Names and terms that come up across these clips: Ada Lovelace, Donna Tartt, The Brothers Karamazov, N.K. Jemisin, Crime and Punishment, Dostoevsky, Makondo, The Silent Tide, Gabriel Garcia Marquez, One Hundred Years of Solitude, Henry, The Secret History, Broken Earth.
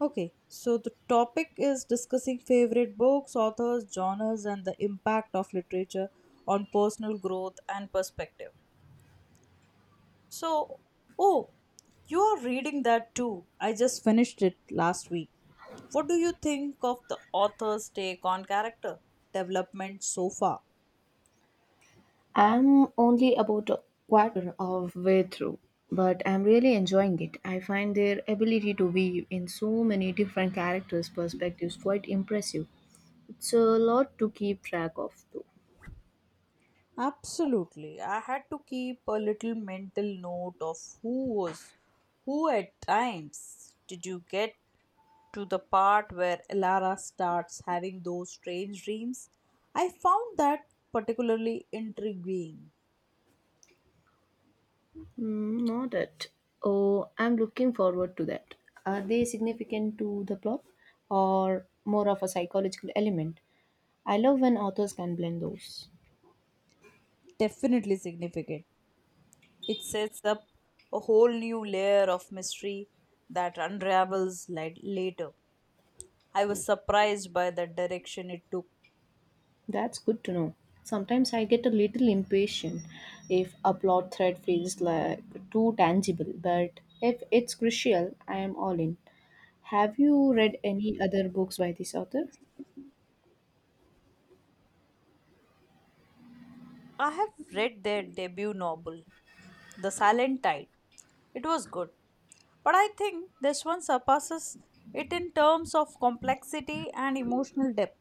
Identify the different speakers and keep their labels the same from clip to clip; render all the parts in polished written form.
Speaker 1: Okay, so the topic is discussing favorite books, authors, genres, and the impact of literature on personal growth and perspective. So, oh, you are reading that too. I just finished it last week. What do you think of the author's take on character development so far?
Speaker 2: I'm only about a quarter of way through, but I'm really enjoying it. I find their ability to weave in so many different characters' perspectives quite impressive. It's a lot to keep track of, though.
Speaker 1: Absolutely. I had to keep a little mental note of who was who at times. Did you get to the part where Elara starts having those strange dreams? I found that particularly intriguing,
Speaker 2: Mm, not it. Oh, I'm looking forward to that. Are they significant to the plot, or more of a psychological element? I love when authors can blend those.
Speaker 1: definitely significant. It sets up a whole new layer of mystery that later. I was surprised by the direction it took.
Speaker 2: That's good to know. Sometimes I get a little impatient if a plot thread feels like too tangible, but if it's crucial, I am all in. Have you read any other books by this author?
Speaker 1: I have read their debut novel, The Silent Tide. It was good, but I think this one surpasses it in terms of complexity and emotional depth.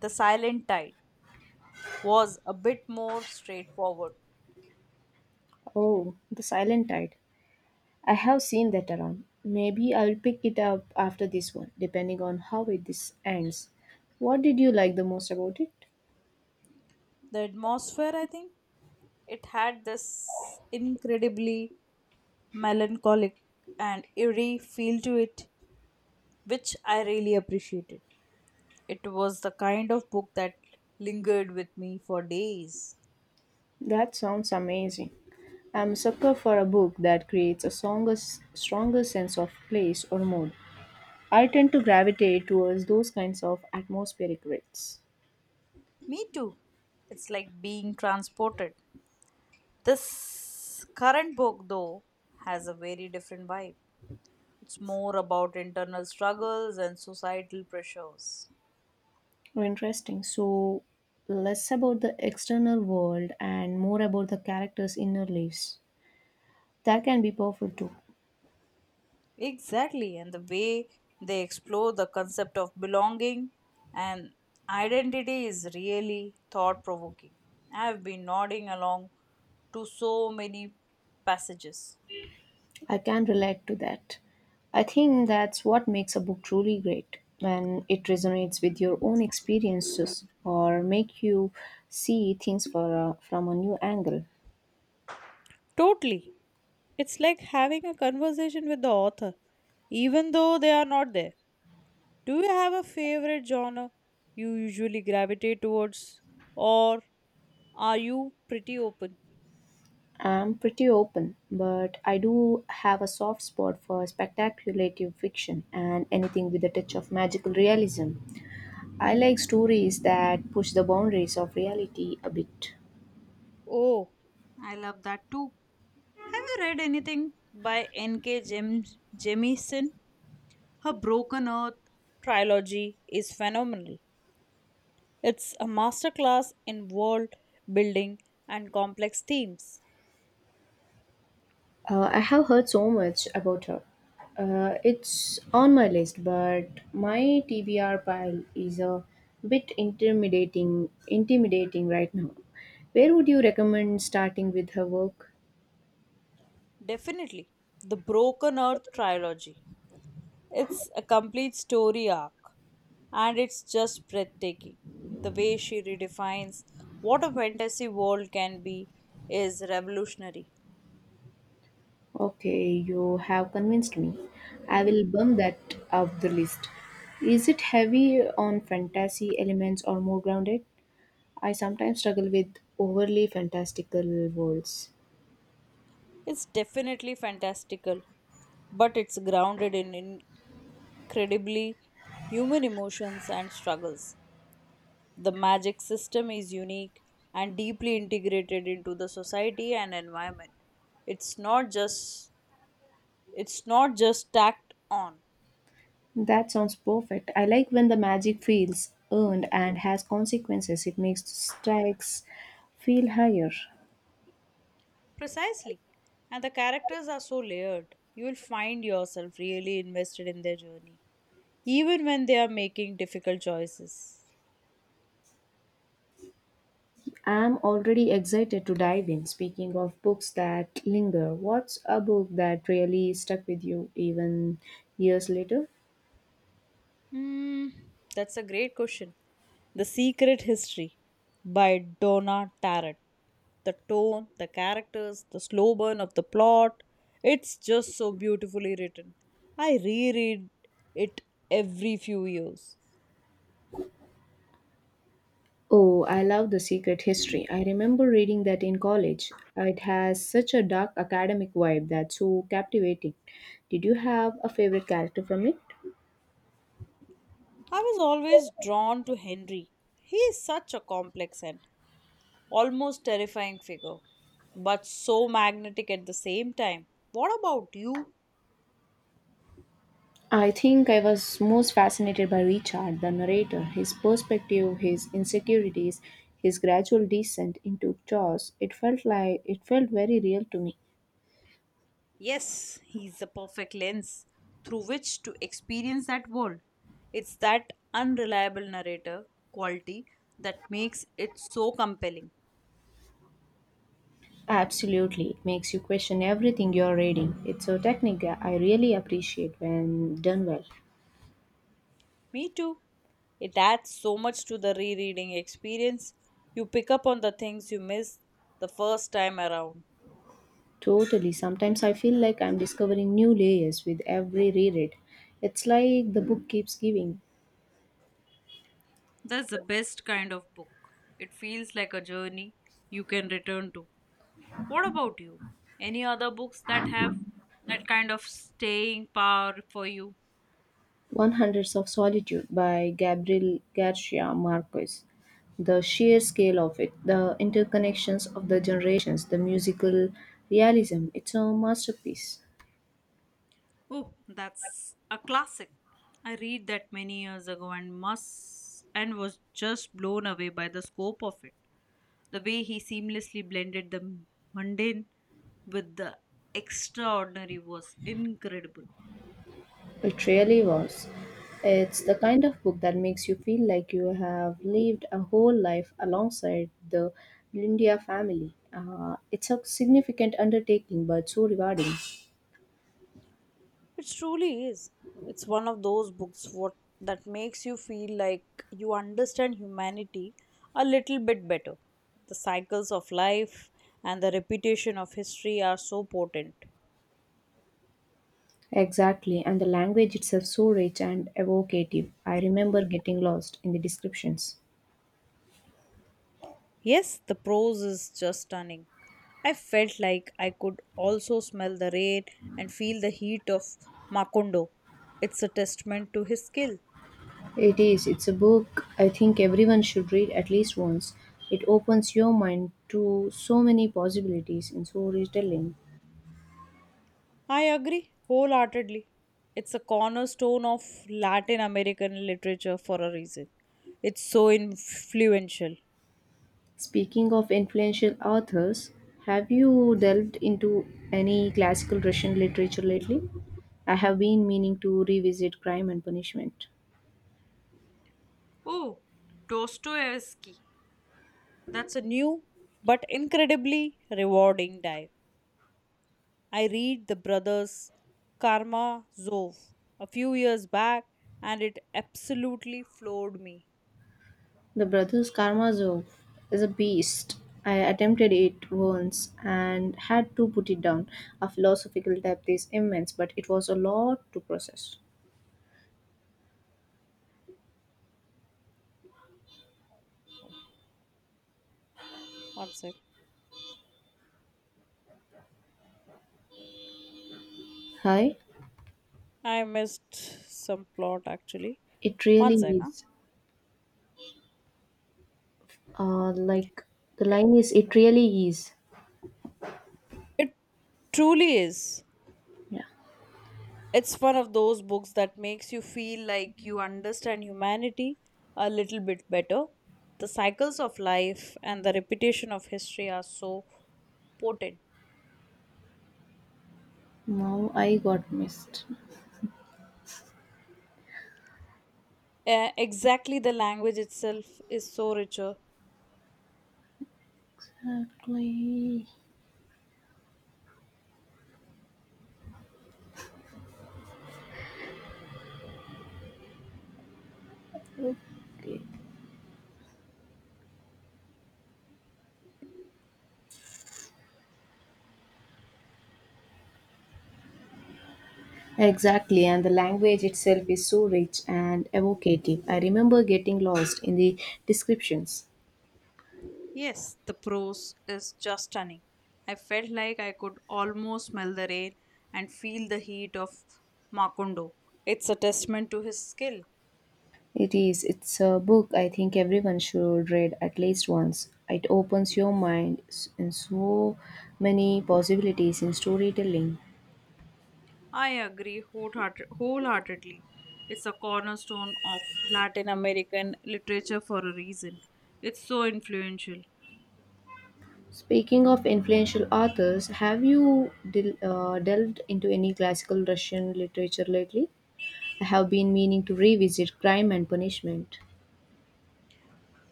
Speaker 1: The Silent Tide was a bit more straightforward.
Speaker 2: Oh, The Silent Tide. I have seen that around. Maybe I'll pick it up after this one, depending on how it this ends. What did you like the most about it?
Speaker 1: The atmosphere, I think, it had this incredibly melancholic and eerie feel to it, which I really appreciated. It was the kind of book that lingered with me for days.
Speaker 2: That sounds amazing. I'm a sucker for a book that creates a stronger sense of place or mood. I tend to gravitate towards those kinds of atmospheric reads.
Speaker 1: Me too. It's like being transported. This current book, though, has a very different vibe. It's more about internal struggles and societal pressures.
Speaker 2: Oh, interesting. So, less about the external world and more about the character's inner lives. That can be powerful too.
Speaker 1: Exactly, and the way they explore the concept of belonging and identity is really thought provoking. I have been nodding along to so many passages.
Speaker 2: I can relate to that. I think that's what makes a book truly great when it resonates with your own experiences or make you see things from a new angle.
Speaker 1: Totally. It's like having a conversation with the author, even though they are not there. Do you have a favorite genre you usually gravitate towards, or are you pretty open?
Speaker 2: I'm pretty open, but I do have a soft spot for speculative fiction and anything with a touch of magical realism. I like stories that push the boundaries of reality a bit.
Speaker 1: Oh, I love that too. Have you read anything by N.K. Jemisin? Her Broken Earth trilogy is phenomenal. It's a masterclass in world building and complex themes.
Speaker 2: I have heard so much about her. It's on my list, but my TBR pile is a bit intimidating right now. Where would you recommend starting with her work?
Speaker 1: Definitely, the Broken Earth trilogy. It's a complete story arc and it's just breathtaking. The way she redefines what a fantasy world can be is revolutionary.
Speaker 2: Okay, you have convinced me. I will bump that up the list. Is it heavy on fantasy elements or more grounded? I sometimes struggle with overly fantastical worlds.
Speaker 1: It's definitely fantastical, but it's grounded in credibly human emotions and struggles. The magic system is unique and deeply integrated into the society and environment. It's not just it's not just tacked on.
Speaker 2: That sounds perfect. I like when the magic feels earned and has consequences. It makes stakes feel higher.
Speaker 1: Precisely. And the characters are so layered. You will find yourself really invested in their journey, even when they are making difficult choices.
Speaker 2: I'm already excited to dive in. Speaking of books that linger, what's a book that really stuck with you even years later?
Speaker 1: Hmm, that's a great question. The Secret History by Donna Tartt, the tone, the characters, the slow burn of the plot. It's just so beautifully written. I reread it every few years.
Speaker 2: Oh, I love The Secret History. I remember reading that in college. It has such a dark academic vibe that's so captivating. Did you have a favorite character from it?
Speaker 1: I was always drawn to Henry. He is such a complex and almost terrifying figure, but so magnetic at the same time. What about you?
Speaker 2: I think I was most fascinated by Richard, the narrator, his perspective, his insecurities, his gradual descent into chaos. It felt very real to me.
Speaker 1: Yes, he's the perfect lens through which to experience that world. It's that unreliable narrator quality that makes it so compelling.
Speaker 2: Absolutely. It makes you question everything you're reading. It's so technical. I really appreciate when done well.
Speaker 1: Me too. It adds so much to the rereading experience. You pick up on the things you missed the first time around.
Speaker 2: Totally. Sometimes I feel like I'm discovering new layers with every reread. It's like the book keeps giving.
Speaker 1: That's the best kind of book. It feels like a journey you can return to. What about you? Any other books that have that kind of staying power for you?
Speaker 2: 100s of Solitude by Gabriel Garcia Marquez. The sheer scale of it, the interconnections of the generations, the musical realism. It's a masterpiece.
Speaker 1: Oh, that's a classic. I read that many years ago and must and was just blown away by the scope of it. The way he seamlessly blended the mundane with the extraordinary was incredible.
Speaker 2: It really was. It's the kind of book that makes you feel like you have lived a whole life alongside the Lindia family. It's a significant undertaking, but so rewarding.
Speaker 1: It truly is. It's one of those books what that makes you feel like you understand humanity a little bit better. The cycles of life and the repetition of history are so potent.
Speaker 2: Exactly, and the language itself so rich and evocative. I remember getting lost in the descriptions.
Speaker 1: Yes, the prose is just stunning. I felt like I could also smell the rain and feel the heat of Makondo. It's a testament to his skill.
Speaker 2: It is. It's a book I think everyone should read at least once. It opens your mind to so many possibilities in storytelling.
Speaker 1: I agree wholeheartedly. It's a cornerstone of Latin American literature for a reason. It's so influential.
Speaker 2: Speaking of influential authors, have you delved into any classical Russian literature lately? I have been meaning to revisit Crime and Punishment.
Speaker 1: Oh, Dostoevsky. That's a new but incredibly rewarding dive. I read The Brothers Karamazov a few years back and it absolutely floored me.
Speaker 2: The Brothers Karamazov is a beast. I attempted it once and had to put it down. A philosophical depth is immense, but it was a lot to process.
Speaker 1: One sec.
Speaker 2: Hi,
Speaker 1: I missed some plot actually.
Speaker 2: it
Speaker 1: One
Speaker 2: really
Speaker 1: sec. Huh?
Speaker 2: is. Like the line is, it really is.
Speaker 1: It truly is.
Speaker 2: Yeah.
Speaker 1: It's one of those books that makes you feel like you understand humanity a little bit better. The cycles of life and the repetition of history are so potent.
Speaker 2: Now I got missed.
Speaker 1: Exactly, the language itself is so richer.
Speaker 2: Exactly. Exactly, and the language itself is so rich and evocative. I remember getting lost in the descriptions.
Speaker 1: Yes, the prose is just stunning. I felt like I could almost smell the rain and feel the heat of Makondo. It's a testament to his skill.
Speaker 2: It is, it's a book I think everyone should read at least once. It opens your in so many possibilities in storytelling.
Speaker 1: I agree wholeheartedly. It's a cornerstone of Latin American literature for a reason. It's so influential.
Speaker 2: Speaking of influential authors, have you delved into any classical Russian literature lately? I have been meaning to revisit Crime and Punishment.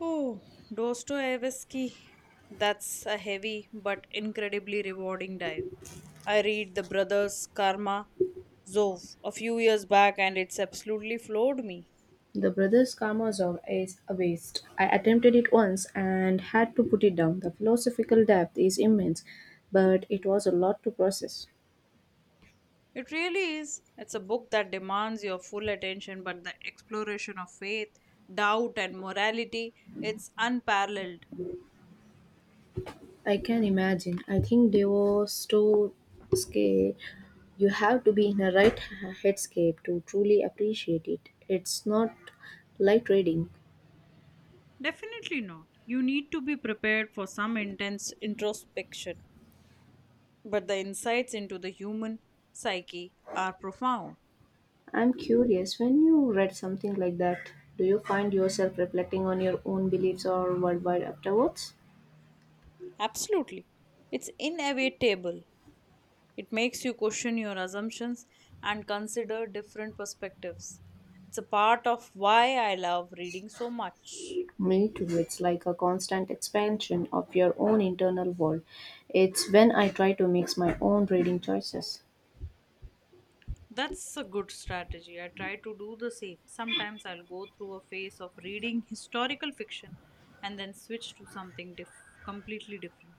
Speaker 1: Oh, Dostoevsky. That's a heavy but incredibly rewarding dive. I read The Brothers Karamazov a few years back and it's absolutely floored me.
Speaker 2: The Brothers Karamazov is a waste. I attempted it once and had to put it down. The philosophical depth is immense, but it was a lot to process.
Speaker 1: It really is. It's a book that demands your full attention, but the exploration of faith, doubt, and morality, it's unparalleled.
Speaker 2: I can imagine. I think Dostoevsky. You have to be in a right headscape to truly appreciate it. It's not light reading.
Speaker 1: Definitely not. You need to be prepared for some intense introspection, but the insights into the human psyche are profound.
Speaker 2: I'm curious, when you read something like that, do you find yourself reflecting on your own beliefs or worldwide afterwards?
Speaker 1: Absolutely. It's inevitable. It makes you question your assumptions and consider different perspectives. It's a part of why I love reading so much.
Speaker 2: Me too. It's like a constant expansion of your own internal world. It's when I try to mix my own reading choices.
Speaker 1: That's a good strategy. I try to do the same. Sometimes I'll go through a phase of reading historical fiction and then switch to something completely different.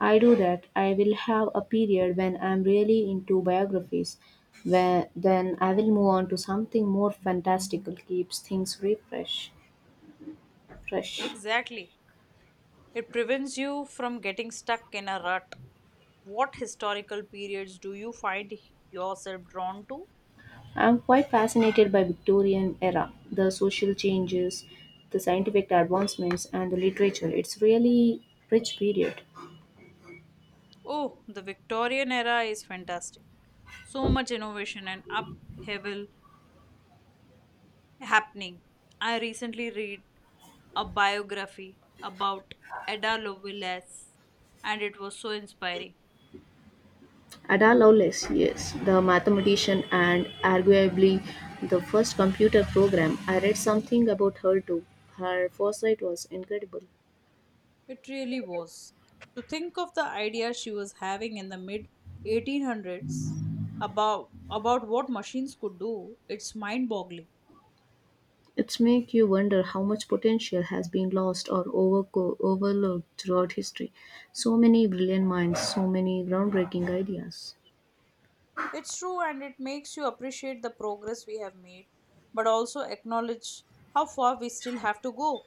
Speaker 2: I do that. I will have a period when I'm really into biographies. Where, then I will move on to something more fantastical, keeps things fresh.
Speaker 1: Exactly. It prevents you from getting stuck in a rut. What historical periods do you find yourself drawn to?
Speaker 2: I'm quite fascinated by Victorian era, the social changes, the scientific advancements, and the literature. It's really rich period.
Speaker 1: Oh, the Victorian era is fantastic. So much innovation and upheaval happening. I recently read a biography about Ada Lovelace and it was so inspiring.
Speaker 2: Ada Lovelace, yes, the mathematician and arguably the first computer program. I read something about her too. Her foresight was incredible.
Speaker 1: It really was. To think of the idea she was having in the mid 1800s about what machines could do, it's mind-boggling.
Speaker 2: It's make you wonder how much potential has been lost or overlooked throughout history. So many brilliant minds, so many groundbreaking ideas.
Speaker 1: It's true and it makes you appreciate the progress we have made, but also acknowledge how far we still have to go.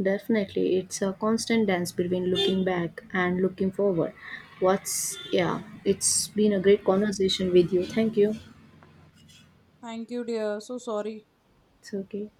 Speaker 2: Definitely, it's a constant dance between looking back and looking forward. What's Yeah, it's been a great conversation with you. Thank you.
Speaker 1: Thank you, dear. So sorry.
Speaker 2: It's okay.